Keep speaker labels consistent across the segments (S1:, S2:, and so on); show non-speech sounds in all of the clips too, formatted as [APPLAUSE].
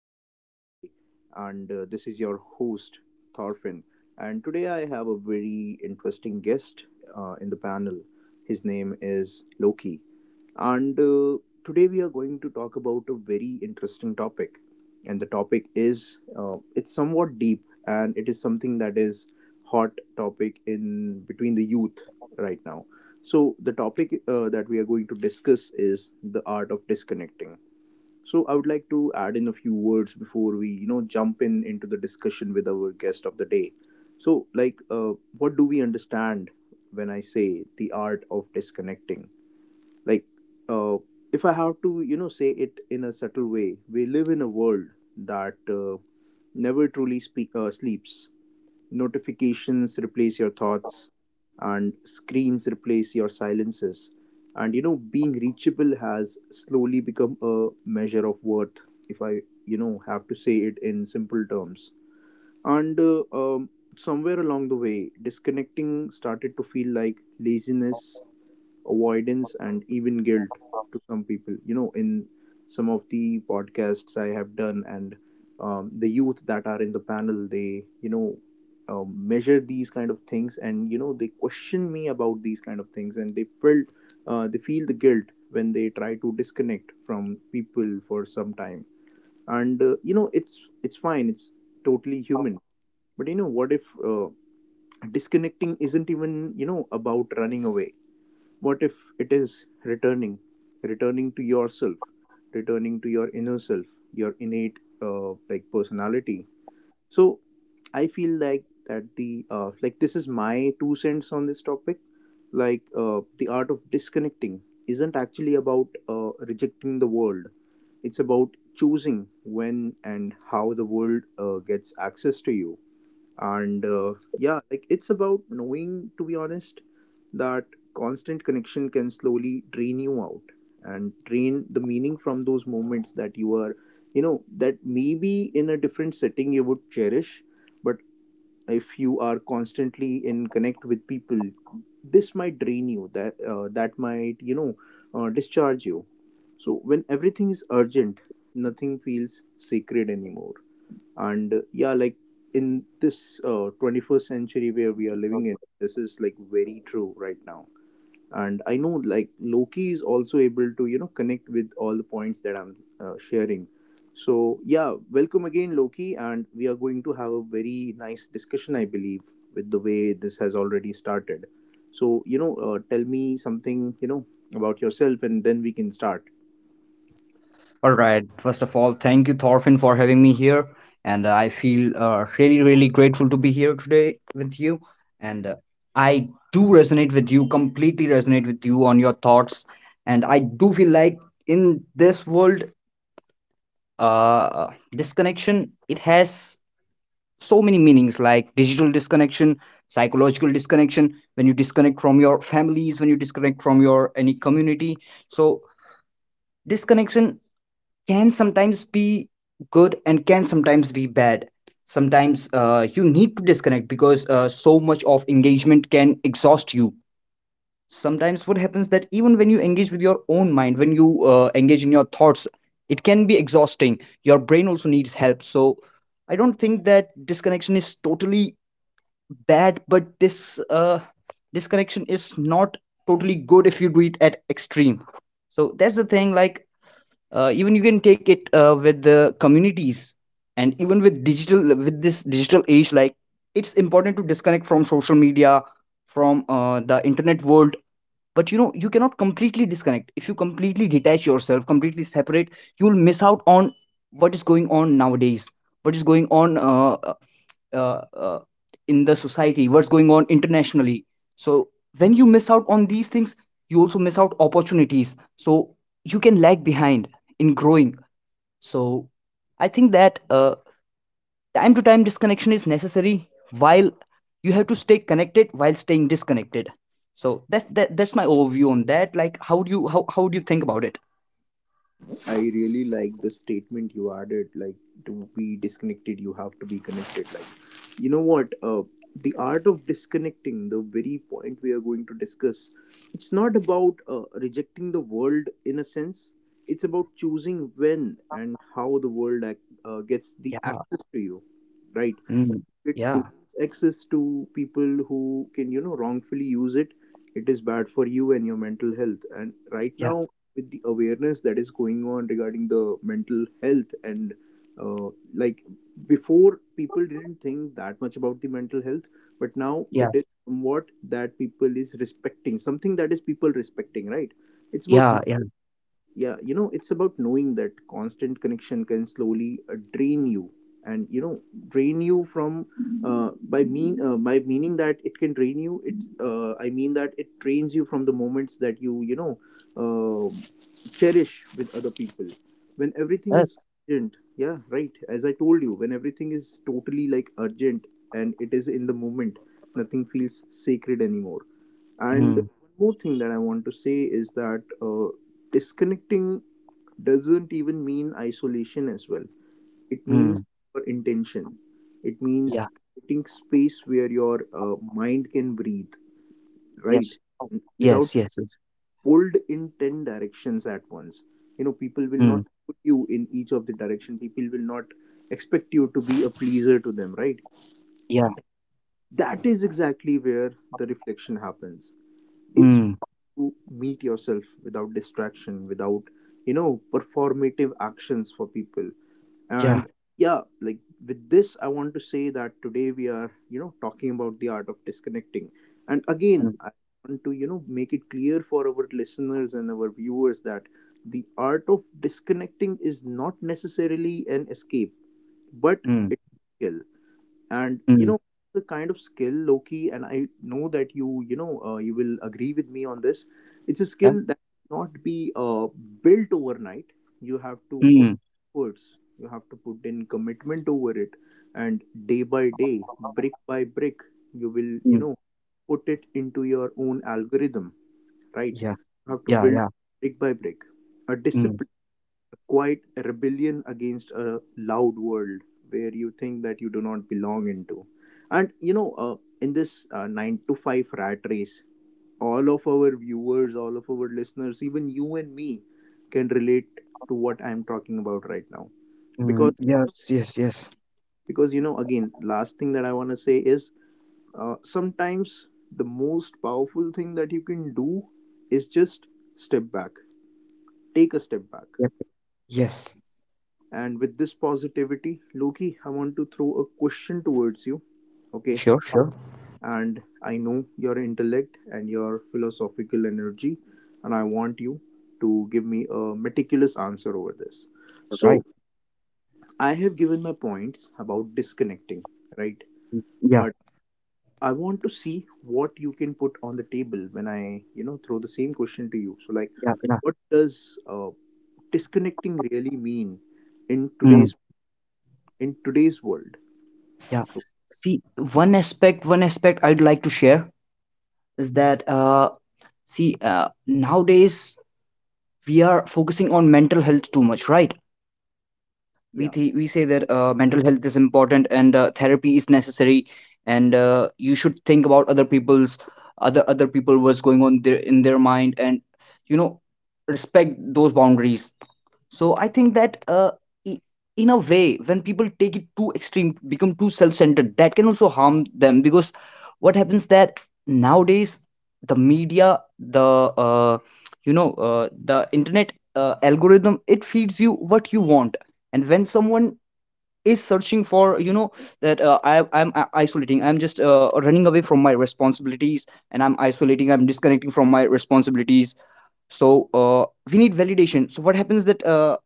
S1: podcast of the day. And this is your host, Thorfinn. And today I have a very interesting guest in the panel. His name is Loki. And today we are going to talk about a very interesting topic. And the topic is, it's somewhat deep, and it is something that is hot topic in between the youth right now. So the topic that we are going to discuss is the art of disconnecting. So I would like to add in a few words before we, jump in into the discussion with our guest of the day. So, like, what do we understand when I say the art of disconnecting? Like, uh, if I have to, say it in a subtle way, we live in a world that never truly sleeps. Notifications replace your thoughts, and screens replace your silences, and being reachable has slowly become a measure of worth, if I have to say it in simple terms. And somewhere along the way, disconnecting started to feel like laziness, avoidance, and even guilt to some people. You know, in some of the podcasts I have done, and the youth that are in the panel, they, measure these kind of things, and they question me about these kind of things, and they felt they feel the guilt when they try to disconnect from people for some time. And it's fine, it's totally human. But you know what if disconnecting isn't even, about running away. What if it is returning, returning to yourself, returning to your inner self, your innate, personality? So I feel like that the, this is my two cents on this topic. The art of disconnecting isn't actually about rejecting the world. It's about choosing when and how the world gets access to you. And yeah, it's about knowing, to be honest, that constant connection can slowly drain you out, and drain the meaning from those moments that you are, that maybe in a different setting you would cherish. But if you are constantly in connect with people, this might drain you, that might, discharge you. So when everything is urgent, nothing feels sacred anymore. And yeah, in this 21st century where we are living in, this is very true right now. And I know, Loki is also able to, connect with all the points that I'm sharing. So yeah, welcome again, Loki, and we are going to have a very nice discussion, I believe, with the way this has already started. So, tell me something, you know, about yourself, and then we can start.
S2: All right. First of all, thank you, Thorfinn, for having me here. And I feel really, really grateful to be here today with you. And I do resonate with you, completely resonate with you on your thoughts. And I do feel like in this world, disconnection, it has so many meanings, like digital disconnection, psychological disconnection, when you disconnect from your families, when you disconnect from your any community. So, disconnection can sometimes be good and can sometimes be bad. Sometimes you need to disconnect, because so much of engagement can exhaust you. Sometimes what happens that even when you engage with your own mind, when you engage in your thoughts, it can be exhausting. Your brain also needs help. So I don't think that disconnection is totally bad, but this disconnection is not totally good if you do it at extreme. So that's the thing. Like, even you can take it with the communities, and even with digital with this digital age, like, it's important to disconnect from social media, from the internet world. But you know, you cannot completely disconnect. If you completely detach yourself, completely separate, you will miss out on what is going on nowadays, what is going on uh, uh, in the society, what's going on internationally. So when you miss out on these things, you also miss out opportunities, so you can lag behind in growing. So I think that, time to time, disconnection is necessary, while you have to stay connected while staying disconnected. So that's my overview on that. Like, how do you, how do you think about it?
S1: I really like the statement you added, like, to be disconnected, you have to be connected. Like, you know what? The art of disconnecting, the very point we are going to discuss, it's not about rejecting the world in a sense. It's about choosing when and how the world gets the
S2: Yeah.
S1: access to you, right?
S2: Mm.
S1: It to
S2: Yeah.
S1: access to people who can, wrongfully use it, it is bad for you and your mental health. And right
S2: Yeah.
S1: now, with the awareness that is going on regarding the mental health, and uh, like before, people didn't think that much about the mental health, but now
S2: Yeah.
S1: it is somewhat that people is respecting, something that is people respecting, right? It's about,
S2: Yeah. Yeah.
S1: yeah, you know, it's about knowing that constant connection can slowly drain you, and, you know, drain you from, by meaning that it can drain you. It's, I mean that it drains you from the moments that you know um cherish with other people. When everything is
S2: Yes.
S1: urgent, yeah, right, as I told you, when everything is totally like urgent, and it is in the moment, nothing feels sacred anymore. And
S2: Mm.
S1: one more thing that I want to say is that disconnecting doesn't even mean isolation as well. It means
S2: Mm.
S1: your intention, it means
S2: Yeah.
S1: creating space where your mind can breathe, right?
S2: Yes. Oh.
S1: Without
S2: Yes. Yes. Yes.
S1: pulled in 10 directions at once, you know, people will not
S2: Mm.
S1: put you in each of the direction, people will not expect you to be a pleaser to them, right?
S2: Yeah.
S1: That is exactly where the reflection happens. It's
S2: Mm.
S1: to meet yourself without distraction, without, you know, performative actions for people. And
S2: Yeah.
S1: yeah, like, with this, I want to say that today we are, you know, talking about the art of disconnecting. And again,
S2: Mm.
S1: I want to, you know, make it clear for our listeners and our viewers that the art of disconnecting is not necessarily an escape, but
S2: Mm.
S1: it's real. And, you
S2: Mm.
S1: know, the kind of skill, Loki, and I know that you will agree with me on this. It's a
S2: Yeah.
S1: skill that cannot be built overnight. You have to put
S2: Mm.
S1: efforts, you have to put in commitment over it, and day by day, brick by brick, you will,
S2: Mm.
S1: put it into your own algorithm, right?
S2: Yeah.
S1: You have to
S2: Yeah.
S1: build,
S2: Yeah.
S1: brick by brick, a
S2: Mm.
S1: discipline, a quiet rebellion against a loud world where you think that you do not belong into. And, you know, in this 9-to-5 rat race, all of our viewers, all of our listeners, even you and me, can relate to what I'm talking about right now. Because
S2: Mm. Yes. Yes. Yes.
S1: because you know, again, last thing that I want to say is, sometimes the most powerful thing that you can do is just step back, take a step back.
S2: Yep. Yes.
S1: And with this positivity, Loki, I want to throw a question towards you. Okay.
S2: Sure. Sure.
S1: And I know your intellect and your philosophical energy, and I want you to give me a meticulous answer over this.
S2: You're
S1: So,
S2: right.
S1: I have given my points about disconnecting, right?
S2: Yeah.
S1: But I want to see what you can put on the table when I, you know, throw the same question to you. So, like,
S2: Yeah. Yeah.
S1: what does disconnecting really mean in today's,
S2: Mm.
S1: in today's world?
S2: Yeah.
S1: So,
S2: See, one aspect. One aspect I'd like to share is that, see, nowadays we are focusing on mental health too much, right? we
S1: yeah.
S2: th- we say that mental health is important, and therapy is necessary, and you should think about other people's, other people, what's going on in their mind, and you know, respect those boundaries. So I think that, i- in a way, when people take it too extreme, become too self-centered, that can also harm them. Because what happens that, nowadays, the media, the, uh, you know, the internet algorithm, it feeds you what you want. And when someone is searching for, you know, that isolating, I'm just running away from my responsibilities, and I'm isolating, I'm disconnecting from my responsibilities. So we need validation. So what happens that,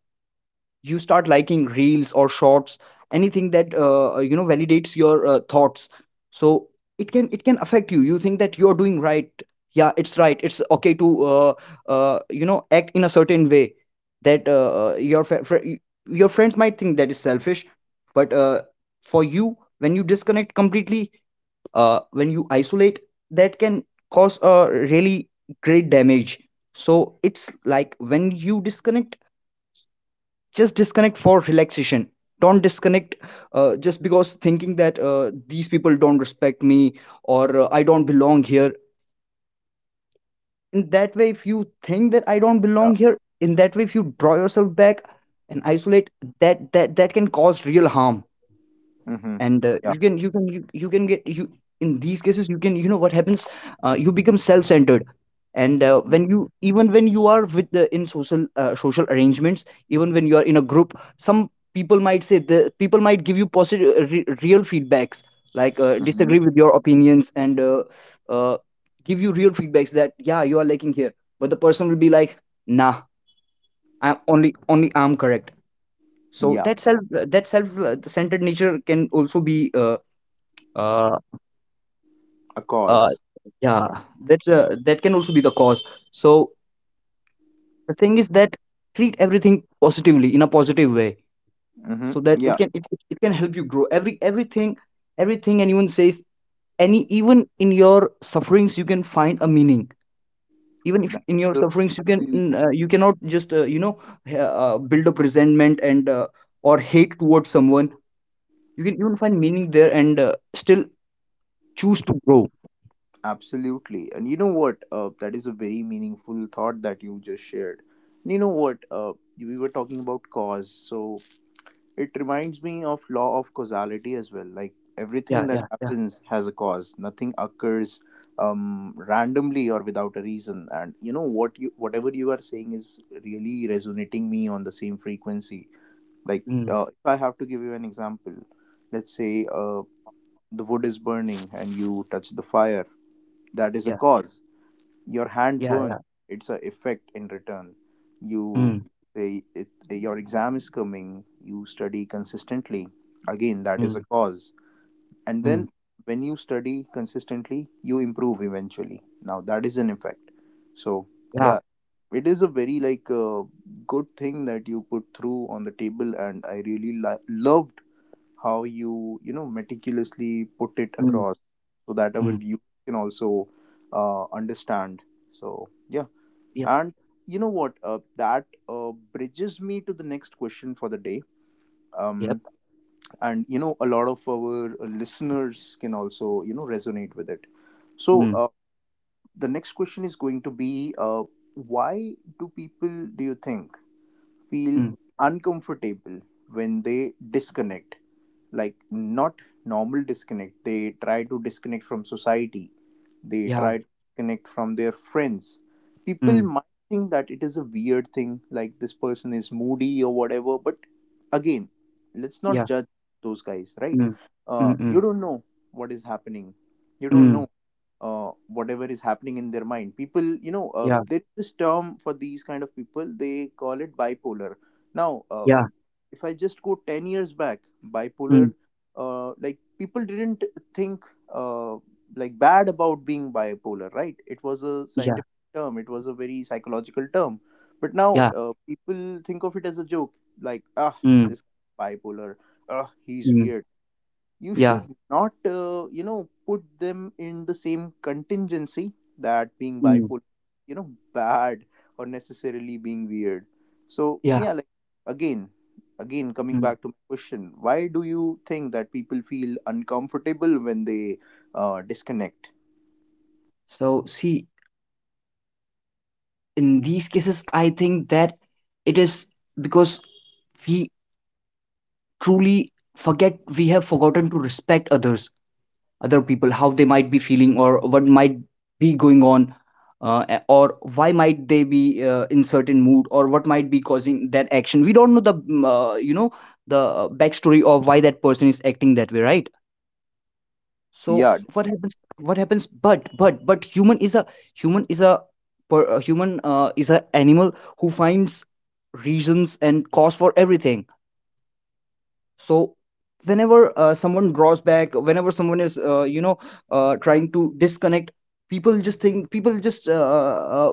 S2: you start liking reels or shorts, anything that you know validates your thoughts. So it can, it can affect you. You think that you're doing right. Yeah, it's right, it's okay to, you know, act in a certain way. That your your friends might think that is selfish. But for you, when you disconnect completely, when you isolate, that can cause a really great damage. So it's like, when you disconnect, just disconnect for relaxation. Don't disconnect just because thinking that these people don't respect me, or I don't belong here. In that way, if you think that I don't
S1: Yeah.
S2: belong here, in that way, if you draw yourself back and isolate, that can cause real harm.
S1: Mm-hmm.
S2: And
S1: Yeah.
S2: you can, you can you, you can get you, in these cases, you can, you know what happens, you become self-centered. And when you, even when you are with the, in social, social arrangements, even when you are in a group, some people might say, the people might give you positive, real feedbacks, like disagree
S1: Mm-hmm.
S2: with your opinions, and uh, give you real feedbacks that, yeah, you are lacking here. But the person will be like, nah, I'm only only I'm correct. So
S1: Yeah.
S2: that self, that self, centered nature can also be, uh,
S1: A
S2: uh
S1: cause.
S2: yeah, that can also be the cause. So the thing is that, treat everything positively, in a positive way,
S1: Mm-hmm.
S2: so that it
S1: Yeah.
S2: can, it can help you grow. Everything, everything anyone says, any, even in your sufferings, you can find a meaning. Even if
S1: That
S2: in your
S1: is
S2: sufferings, you can,
S1: a-
S2: you cannot just you know build up resentment, and or hate towards someone. You can even find meaning there, and still choose to grow.
S1: Absolutely. And you know what? That is a very meaningful thought that you just shared. And you know what? We were talking about cause, so it reminds me of law of causality as well. Like,
S2: Yeah,
S1: everything that
S2: yeah, yeah.
S1: happens has a cause. Nothing occurs randomly or without a reason, and, you know what, you whatever you are saying is really resonating me on the same frequency. Like,
S2: Mm.
S1: if I have to give you an example, let's say, the wood is burning and you touch the fire, that
S2: Yeah,
S1: is a cause. Your
S2: yeah,
S1: hand
S2: yeah.
S1: burns, it's a effect in return.
S2: Mm.
S1: You say it, your exam is coming, you study consistently, again
S2: Mm.
S1: that is a cause.
S2: Mm.
S1: And then, when you study consistently, you improve eventually, now that is an effect. So
S2: Yeah.
S1: yeah, it is a very, good thing that you put through on the table, and I really love how you, you know meticulously put it
S2: Mm.
S1: across, so that our
S2: Mm.
S1: viewers can also understand. So yeah,
S2: Yeah.
S1: and, you know what, that bridges me to the next question for the day.
S2: Yep.
S1: um, and, you know, a lot of our listeners can also, resonate with it. So,
S2: Mm.
S1: the next question is going to be, why do people, do you think, feel
S2: Mm.
S1: uncomfortable when they disconnect, like, not normal disconnect, they try to disconnect from society, they
S2: Yeah.
S1: try to disconnect from their friends. People
S2: Mm.
S1: might think that it is a weird thing, like this person is moody or whatever. But again, let's not
S2: Yeah.
S1: judge those guys, right?
S2: Mm. Mm.
S1: You
S2: Mm.
S1: don't know what is happening, you don't
S2: Mm.
S1: know whatever is happening in their mind. People, you know,
S2: Yeah.
S1: there is this term for these kind of people. They call it bipolar. Now,
S2: Yeah.
S1: if I just go 10 years back, bipolar,
S2: Mm.
S1: people didn't think, uh, bad about being bipolar, right? It was a
S2: Yeah.
S1: scientific term. It was a very psychological term. But now
S2: Yeah.
S1: people think of it as a joke, like, ah,
S2: Mm.
S1: this bipolar, ah, he's
S2: Mm.
S1: weird. You
S2: Yeah.
S1: should not, put them in the same contingency, that being
S2: Mm.
S1: bipolar, bad, or necessarily being weird. So
S2: Yeah.
S1: yeah, like, again again coming
S2: Mm.
S1: back to my question, why do you think that people feel uncomfortable when they disconnect?
S2: So see, in these cases, I think that it is because we truly forget, we have forgotten to respect others, other people, how they might be feeling, or what might be going on, or why might they be in certain mood, or what might be causing that action. We don't know the, you know, the, backstory of why that person is acting that way, right? So
S1: Yeah,
S2: what happens, but, human is a, human is a human, is a animal who finds reasons and cause for everything. So whenever someone draws back, whenever someone is, you know, trying to disconnect, people just think, people just,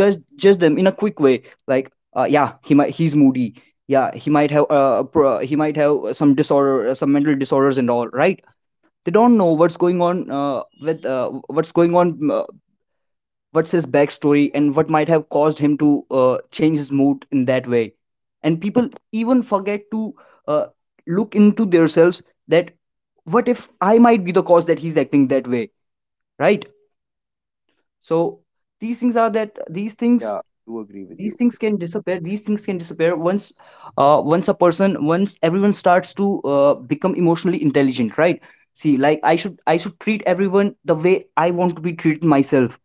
S2: judge them in a quick way, like, yeah he might, he's moody, yeah he might have a, he might have some disorder, some mental disorders and all, right? They don't know what's going on, with, what's going on, what's his backstory, and what might have caused him to change his mood in that way. And people even forget to uh, look into themselves, that, what if I might be the cause that he's acting that way, right? So these things are, that these
S1: yeah,
S2: things,
S1: I do agree with
S2: these
S1: you.
S2: things can disappear, once once a person, once everyone starts to become emotionally intelligent, right? See, like, I should treat everyone the way I want to be treated myself.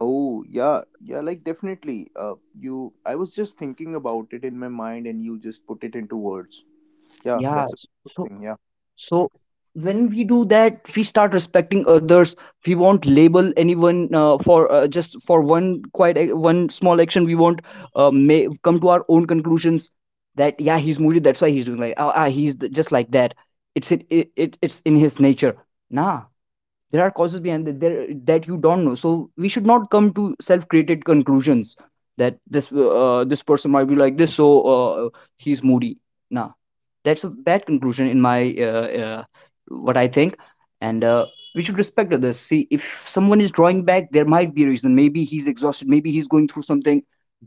S1: Oh yeah, yeah, like, definitely. I was just thinking about it in my mind, and you just put it into words. Yeah,
S2: Yeah.
S1: that's a good
S2: So.
S1: thing. Yeah.
S2: So when we do that, we start respecting others. We won't label anyone, for, just for one, one small action. We won't, may come to our own conclusions that, yeah, he's moody, that's why he's doing, like, ah, just like that. It's it, it it It's in his nature. Nah, there are causes behind that, there, that you don't know, so we should not come to self-created conclusions that this, this person might be like this, so uh, he's moody, nah, that's a bad conclusion in my, uh, uh, what I think. And we should respect others. See, if someone is drawing back, there might be a reason, maybe he's exhausted, maybe he's going through something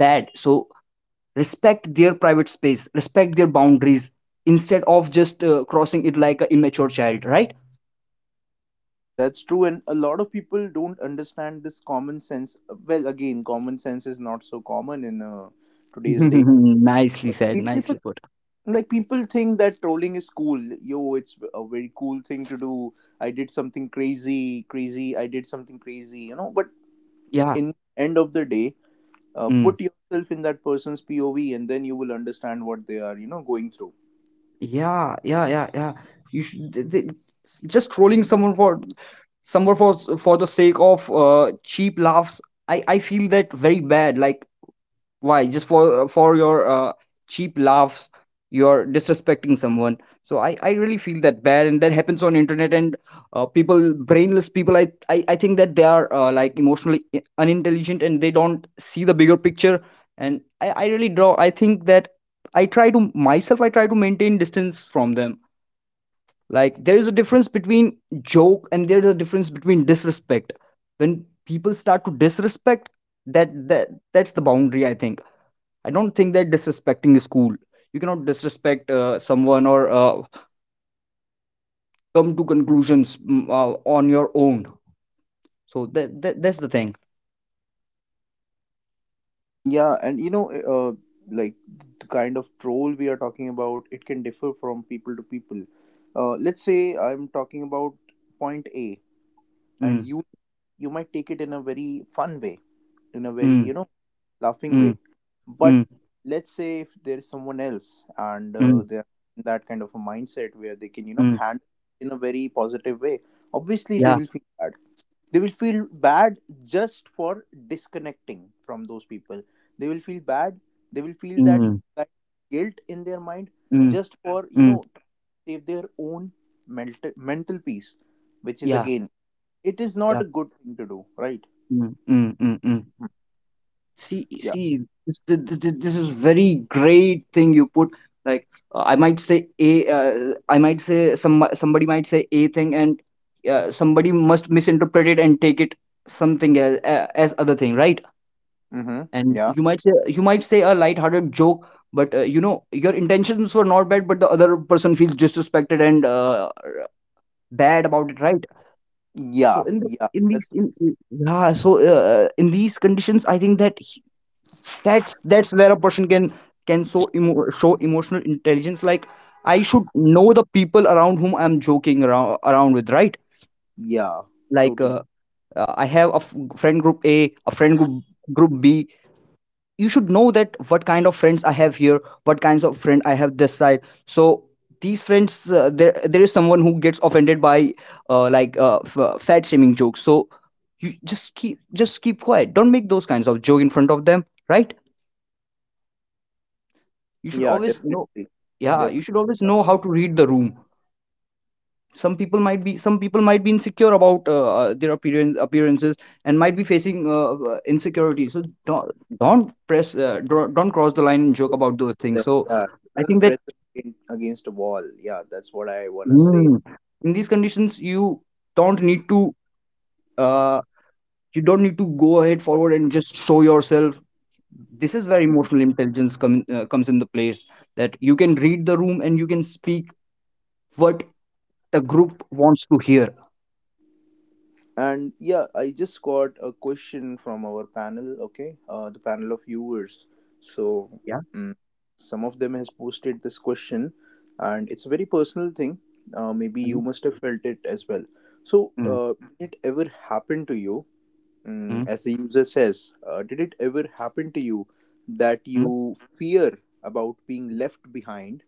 S2: bad. So respect their private space, respect their boundaries, instead of just crossing it like an immature child, right?
S1: That's true, and a lot of people don't understand this common sense. Well, again, common sense is not so common in
S2: [LAUGHS]
S1: today's day.
S2: Nicely
S1: But
S2: said,
S1: people
S2: nicely put.
S1: like people think that trolling is cool. Yo, it's a very cool thing to do. I did something crazy, crazy. I did something crazy. But
S2: Yeah.
S1: in end of the day,
S2: Mm.
S1: put yourself in that person's POV, and then you will understand what they are, going through.
S2: Yeah, yeah, yeah, yeah. You should, just trolling someone for somewhere, for, for the sake of cheap laughs. I feel that very bad. Like, why just for, for your, cheap laughs, you're disrespecting someone? So I really feel that bad, and that happens on internet. And people, brainless people, I think that they are, like, emotionally unintelligent, and they don't see the bigger picture. And I really draw, I think that, I try to maintain distance from them. Like, there is a difference between joke, and there's a difference between disrespect. When people start to disrespect, that that that's the boundary, I think. I don't think that disrespecting is cool. You cannot disrespect someone, or come to conclusions, on your own. So that's the thing.
S1: Yeah, and like the kind of troll we are talking about, it can differ from people to people. Let's say I'm talking about point A, and
S2: Mm,
S1: you might take it in a very fun way, in a very
S2: mm,
S1: laughing
S2: mm,
S1: way. But
S2: mm,
S1: let's say if there is someone else, and
S2: mm,
S1: they're in that kind of a mindset where they can
S2: mm.
S1: handle in a very positive way, obviously they
S2: Yeah.
S1: will feel bad, they will feel bad, just for disconnecting from those people, they will feel bad, they will feel that
S2: Mm,
S1: kind of guilt in their mind,
S2: mm,
S1: just for
S2: mm.
S1: to save their own mental peace, which is
S2: Yeah.
S1: again, it is not
S2: Yeah.
S1: a good thing to do, right?
S2: Mm, mm, mm, mm.
S1: Mm,
S2: see
S1: yeah,
S2: see this, th- th- th- this is very great thing you put, like I might say, somebody might say a thing, and somebody must misinterpret it and take it something as other thing, right?
S1: mm-hmm,
S2: And
S1: yeah,
S2: you might say a light-hearted joke, but you know your intentions were not bad, but the other person feels disrespected and bad about it, right? so
S1: yeah,
S2: in the
S1: yeah,
S2: in
S1: that's
S2: these in- Yeah, so in these conditions I think that that's where a person can show emotional intelligence. Like, I should know the people around whom I'm joking around with, right?
S1: yeah,
S2: Like
S1: totally,
S2: I have a friend group, a friend group, group B. You should know that what kind of friends I have here, what kinds of friend I have this side. So these friends, there is someone who gets offended by fat shaming jokes, so you just keep quiet, don't make those kinds of joke in front of them, right? you should
S1: yeah,
S2: always know
S1: definitely,
S2: Yeah, you
S1: definitely,
S2: should always
S1: yeah.
S2: know how to read the room. Some people might be insecure about their appearances and might be facing insecurity. So don't press don't cross the line and joke
S1: Don't
S2: about
S1: press
S2: those things.
S1: them.
S2: So
S1: Yeah,
S2: I think
S1: don't
S2: that,
S1: press them against a wall, yeah, that's what I want to say.
S2: mm, in these conditions you don't need to uh, don't need to go ahead forward and just show yourself. This is where emotional intelligence comes in the place, that you can read the room and you can speak what the group wants to hear.
S1: And yeah, I just got a question from our panel, okay, the panel of viewers. So,
S2: Yeah.
S1: mm, some of them has posted this question, and it's a very personal thing. Maybe
S2: Mm-hmm.
S1: you must have felt it as well. So,
S2: Mm,
S1: did it ever happen to you, mm,
S2: mm,
S1: as the user says, did it ever happen to you that
S2: mm,
S1: you fear about being left behind?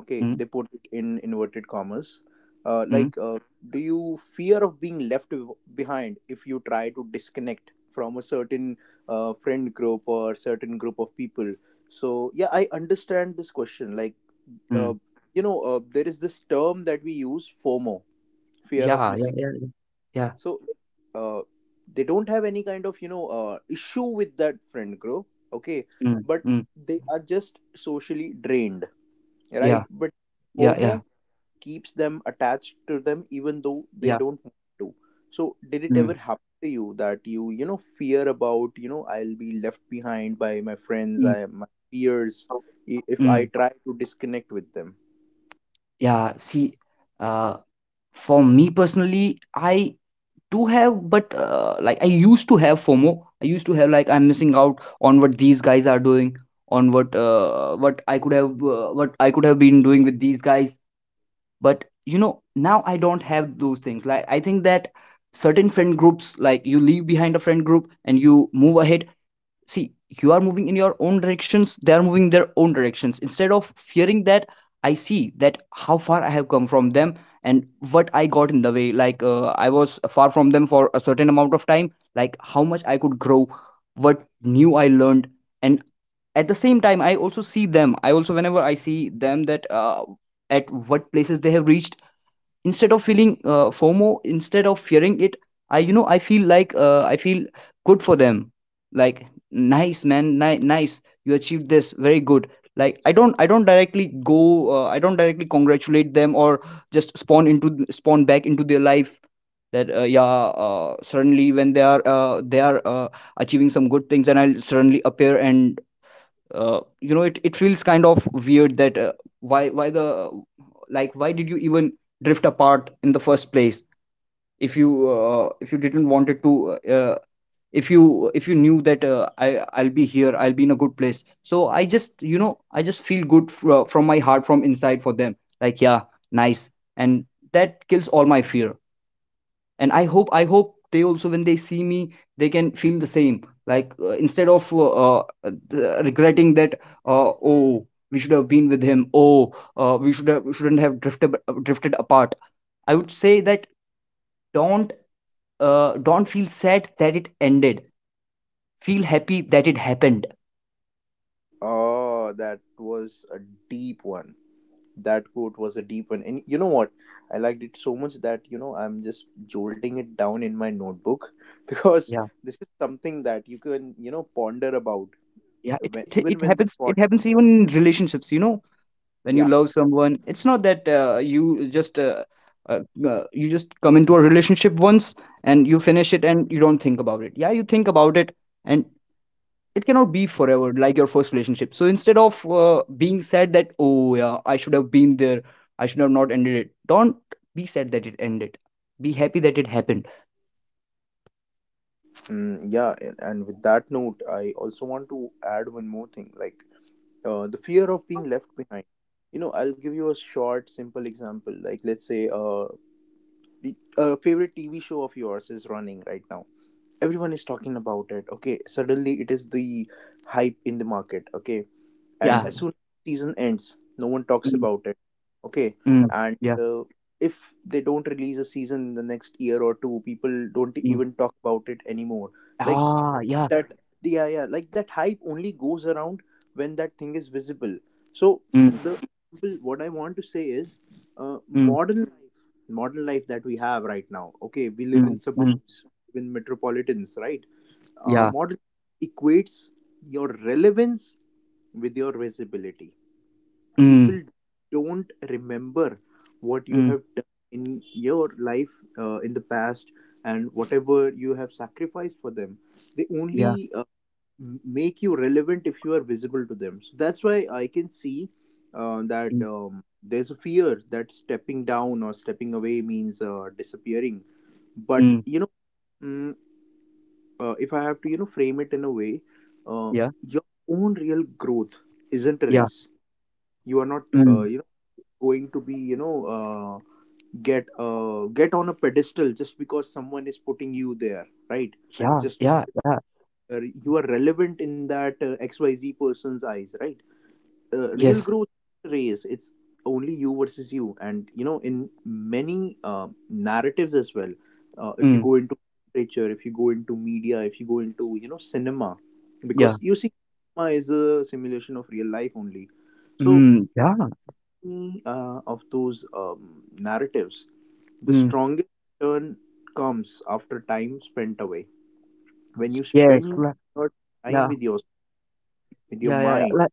S1: Okay,
S2: mm,
S1: they put it in inverted commas. uh,
S2: mm,
S1: like uh, do you fear of being left behind if you try to disconnect from a certain friend group or certain group of people? So yeah, I understand this question. Like uh,
S2: mm.
S1: you know, there is this term that we use, fomo, fear of
S2: Yeah, yeah,
S1: missing.
S2: yeah, yeah. Yeah.
S1: So uh, they don't have any kind of issue with that friend group, okay,
S2: Mm,
S1: but
S2: mm,
S1: they are just socially drained, right?
S2: yeah,
S1: But
S2: yeah, yeah,
S1: fomo keeps them attached to them, even though they
S2: yeah.
S1: don't want to. So did it
S2: Mm,
S1: ever happen to you that you know fear about I'll be left behind by my friends,
S2: mm.
S1: I my peers,
S2: Oh.
S1: if I
S2: Mm.
S1: try to disconnect with them?
S2: Yeah, see, uh, for me personally, I do have, but like I used to have FOMO. I used to have, like, I'm missing out on what these guys are doing, on what I could have, what I could have been doing with these guys. But you know, now I don't have those things. Like, I think that certain friend groups, like, you leave behind a friend group and you move ahead. See, you are moving in your own directions, they are moving in their own directions. Instead of fearing that, I see that how far I have come from them and what I got in the way. Like I was far from them for a certain amount of time, like how much I could grow, what new I learned. And at the same time, I also see them, I also whenever I see them, that at what places they have reached. Instead of feeling FOMO, instead of fearing it, I you know I feel good for them. Like, nice, man, nice, you achieved this, very good. Like, I don't directly go, I don't directly congratulate them or just spawn back into their life. That yeah, suddenly when they are achieving some good things and I'll suddenly appear, and it feels kind of weird that why the like why did you even drift apart in the first place. If you didn't wanted to, if you knew that I'll be here, I'll be in a good place, so I just feel good from my heart, from inside, for them. Like, yeah, nice. And that kills all my fear. And I hope they also, when they see me, they can feel the same. Like, instead of uh, regretting that, oh, we should have been with him, oh, shouldn't have drifted apart. I would say that, don't don't feel sad that it ended, feel happy that it happened.
S1: Oh, that was a deep one. That quote was a deep one, and you know what, I liked it so much that, you know, I'm just jolting it down in my notebook [LAUGHS] because
S2: Yeah,
S1: this is something that you can, ponder about
S2: yeah, it,
S1: when,
S2: it
S1: even
S2: it
S1: when this
S2: happens, it
S1: podcast,
S2: happens even in relationships, you know. When you
S1: yeah.
S2: love someone, it's not that you just, uh, you just come into a relationship once and you finish it and you don't think about it. Yeah, you think about it. And it cannot be forever, like your first relationship. So instead of being sad that, oh yeah, I should have been there, I should have not ended it, don't be sad that it ended, be happy that it happened.
S1: Mm, yeah, and with that note, I also want to add one more thing. Like the fear of being left behind. You know, I'll give you a short, simple example. Like, let's say a favorite TV show of yours is running right now. Everyone is talking about it. Okay, suddenly it is the hype in the market. Okay, and
S2: Yeah.
S1: as soon as season ends, no one talks
S2: Mm,
S1: about it. Okay,
S2: mm,
S1: and
S2: yeah.
S1: uh, if they don't release a season in the next year or two, people don't
S2: Mm.
S1: even talk about it anymore. Like
S2: Ah, yeah.
S1: that, yeah, yeah, like that hype only goes around when that thing is visible. So
S2: Mm,
S1: the, what I want to say is,
S2: mm,
S1: modern life, modern life that we have right now, okay, we live in
S2: mm, mm,
S1: suburbs, we live in metropolitans, right?
S2: yeah.
S1: Modern equates your relevance with your visibility.
S2: Mm,
S1: People don't remember what you
S2: mm,
S1: have done in your life, in the past, and whatever you have sacrificed for them, they
S2: yeah.
S1: only uh, make you relevant if you are visible to them. So that's why I can see that
S2: Mm,
S1: there's a fear that stepping down or stepping away means disappearing. But
S2: mm,
S1: you know, mm, if I have to, you know, frame it in a way, uh,
S2: yeah.
S1: your own real growth isn't a
S2: Yeah.
S1: race. You are not,
S2: Mm.
S1: you know, going to be, get on a pedestal just because someone is putting you there, right?
S2: Yeah,
S1: Just
S2: yeah, yeah.
S1: because you are relevant in that XYZ person's eyes, right? Real
S2: Yes.
S1: growth race, it's only you versus you. And you know, in many narratives as well, if you
S2: Mm.
S1: go into literature, if you go into media, if you go into, you know, cinema,
S2: Yeah.
S1: because you see cinema is a simulation of real life only. So
S2: Mm. Yeah.
S1: many, of those narratives, the
S2: Mm.
S1: strongest turn comes after time spent away, when you
S2: Yes.
S1: spend your time
S2: Yeah.
S1: with your, with your
S2: Yeah. Yeah. Yeah.
S1: mind.
S2: Like,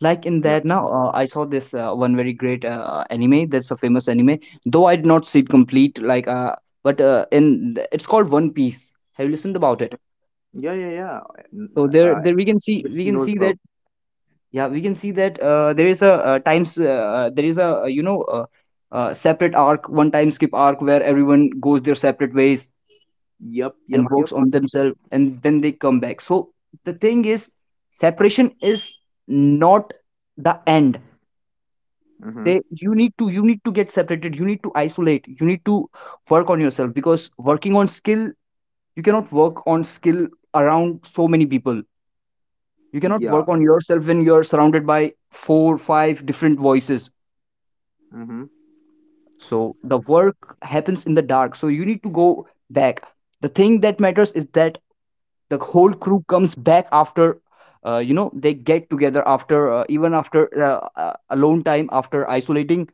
S2: in
S1: Yeah,
S2: that now, I saw this one very great anime. That's a famous anime, though I did not see it complete. Like, it's called One Piece. Have you listened about it?
S1: yeah, yeah, yeah. N-
S2: So there,
S1: uh,
S2: there we can see, we
S1: Everyone
S2: can
S1: knows
S2: see that.
S1: about,
S2: Yeah, we can see that there is a times. There is a separate arc, one time skip arc, where everyone goes their separate ways
S1: yep, yep,
S2: and
S1: yep.
S2: works on themselves and then they come back. So the thing is, separation is not the end.
S1: Mm-hmm.
S2: They You need to get separated, you need to isolate, you need to work on yourself, because working on skill, you cannot work on skill around so many people. You cannot
S1: Yeah.
S2: work on yourself when you're surrounded by four five different voices.
S1: Mm-hmm.
S2: So the work happens in the dark, so you need to go back. The thing that matters is that the whole crew comes back after, they get together after even after alone time, after isolating,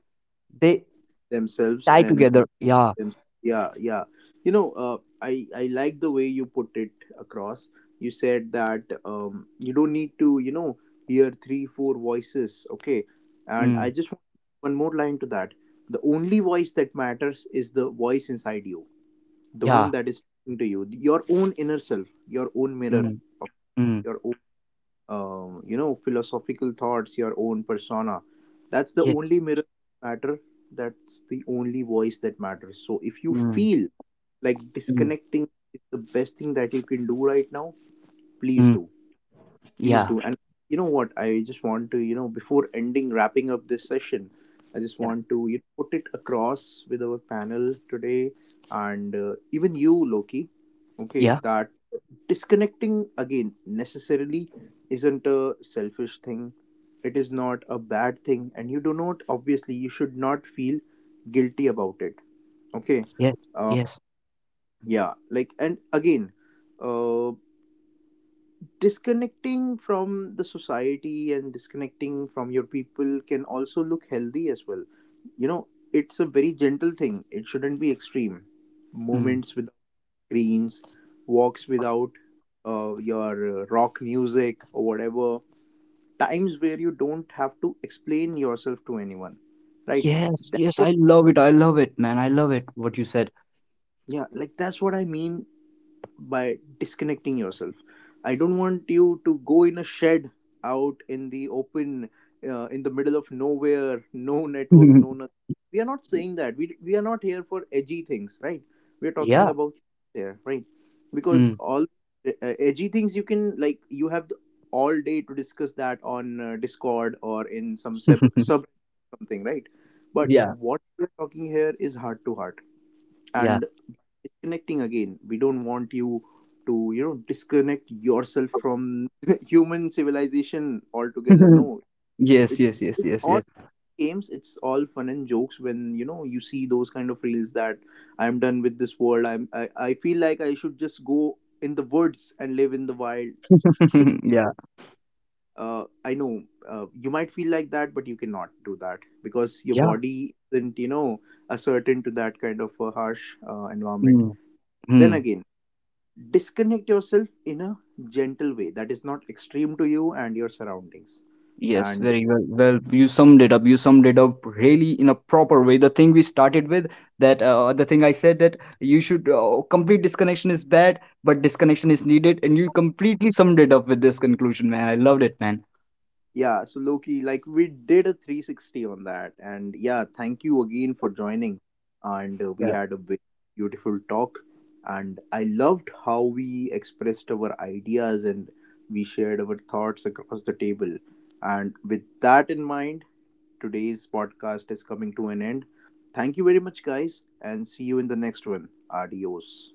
S2: they
S1: Themselves
S2: tie
S1: and
S2: together.
S1: with
S2: Yeah.
S1: them. Yeah, yeah. You know, I like the way you put it across. You said that you don't need to, you know, hear three, four voices. Okay, and I
S2: Mm,
S1: just want one more line to that. The only voice that matters is the voice inside you, the one
S2: yeah.
S1: that is talking to you, your own inner self, your own mirror,
S2: Mm,
S1: of
S2: mm,
S1: your you know, philosophical thoughts, your own persona. That's the
S2: yes.
S1: only mirror that matter, that's the only voice that matters. So if you
S2: Mm,
S1: feel like
S2: mm,
S1: disconnecting is the best thing that you can do right now, please
S2: mm,
S1: do, please
S2: yeah,
S1: do. And you know what, I just want to, you know, before ending, wrapping up this session, I just
S2: yeah,
S1: want to, you know, put it across with our panel today, and even you, loki, okay,
S2: yeah,
S1: that disconnecting again necessarily isn't a selfish thing, it is not a bad thing, and you do not, obviously you should not feel guilty about it, okay.
S2: yes,
S1: uh,
S2: yes.
S1: yeah, like, and again, uh, disconnecting from the society and disconnecting from your people can also look healthy as well, you know. It's a very gentle thing, it shouldn't be extreme.
S2: Mm.
S1: Moments with screens, walks without your rock music or whatever, times where you don't have to explain yourself to anyone, right?
S2: Yes,
S1: That's
S2: yes,
S1: what,
S2: I love it, I love it, man, I love it, what you said.
S1: yeah, like that's what I mean by disconnecting yourself. I don't want you to go in a shed out in the open, in the middle of nowhere, no network, no
S2: [LAUGHS]
S1: nothing. We are not saying that, we are not here for edgy things, right? We are talking
S2: Yeah.
S1: about there, right? Because
S2: Mm.
S1: all uh, edgy things, you can, like you have the, all day to discuss that on discord or in some sub
S2: [LAUGHS]
S1: something, right? But
S2: Yeah,
S1: what we're talking here is heart to heart.
S2: yeah.
S1: And disconnecting again, we don't want you to, you know, disconnect yourself from [LAUGHS] human civilization altogether,
S2: [LAUGHS]
S1: no.
S2: Yes,
S1: It's,
S2: yes, yes,
S1: it's
S2: yes,
S1: all
S2: yes.
S1: games, it's all fun and jokes when, you know, you see those kind of reels that I'm done with this world, I feel like I should just go in the woods and live in the wild. See
S2: [LAUGHS] Yeah,
S1: I know you might feel like that, but you cannot do that because your
S2: yeah.
S1: body isn't, you know, ascertain to that kind of a harsh environment.
S2: Mm.
S1: Then
S2: Mm.
S1: again, disconnect yourself in a gentle way that is not extreme to you and your surroundings.
S2: Yes,
S1: And
S2: very well. Well, you summed it up. You summed it up really in a proper way. The thing we started with, that the thing I said, that you should complete disconnection is bad, but disconnection is needed, and you completely summed it up with this conclusion, man. I loved it, man.
S1: yeah, so loki, like we did a 360 on that, and yeah, thank you again for joining, and we
S2: Yeah.
S1: had a very beautiful talk, and I loved how we expressed our ideas, and we shared our thoughts across the table, and with that in mind, today's podcast is coming to an end. Thank you very much, guys, and see you in the next one. Adios.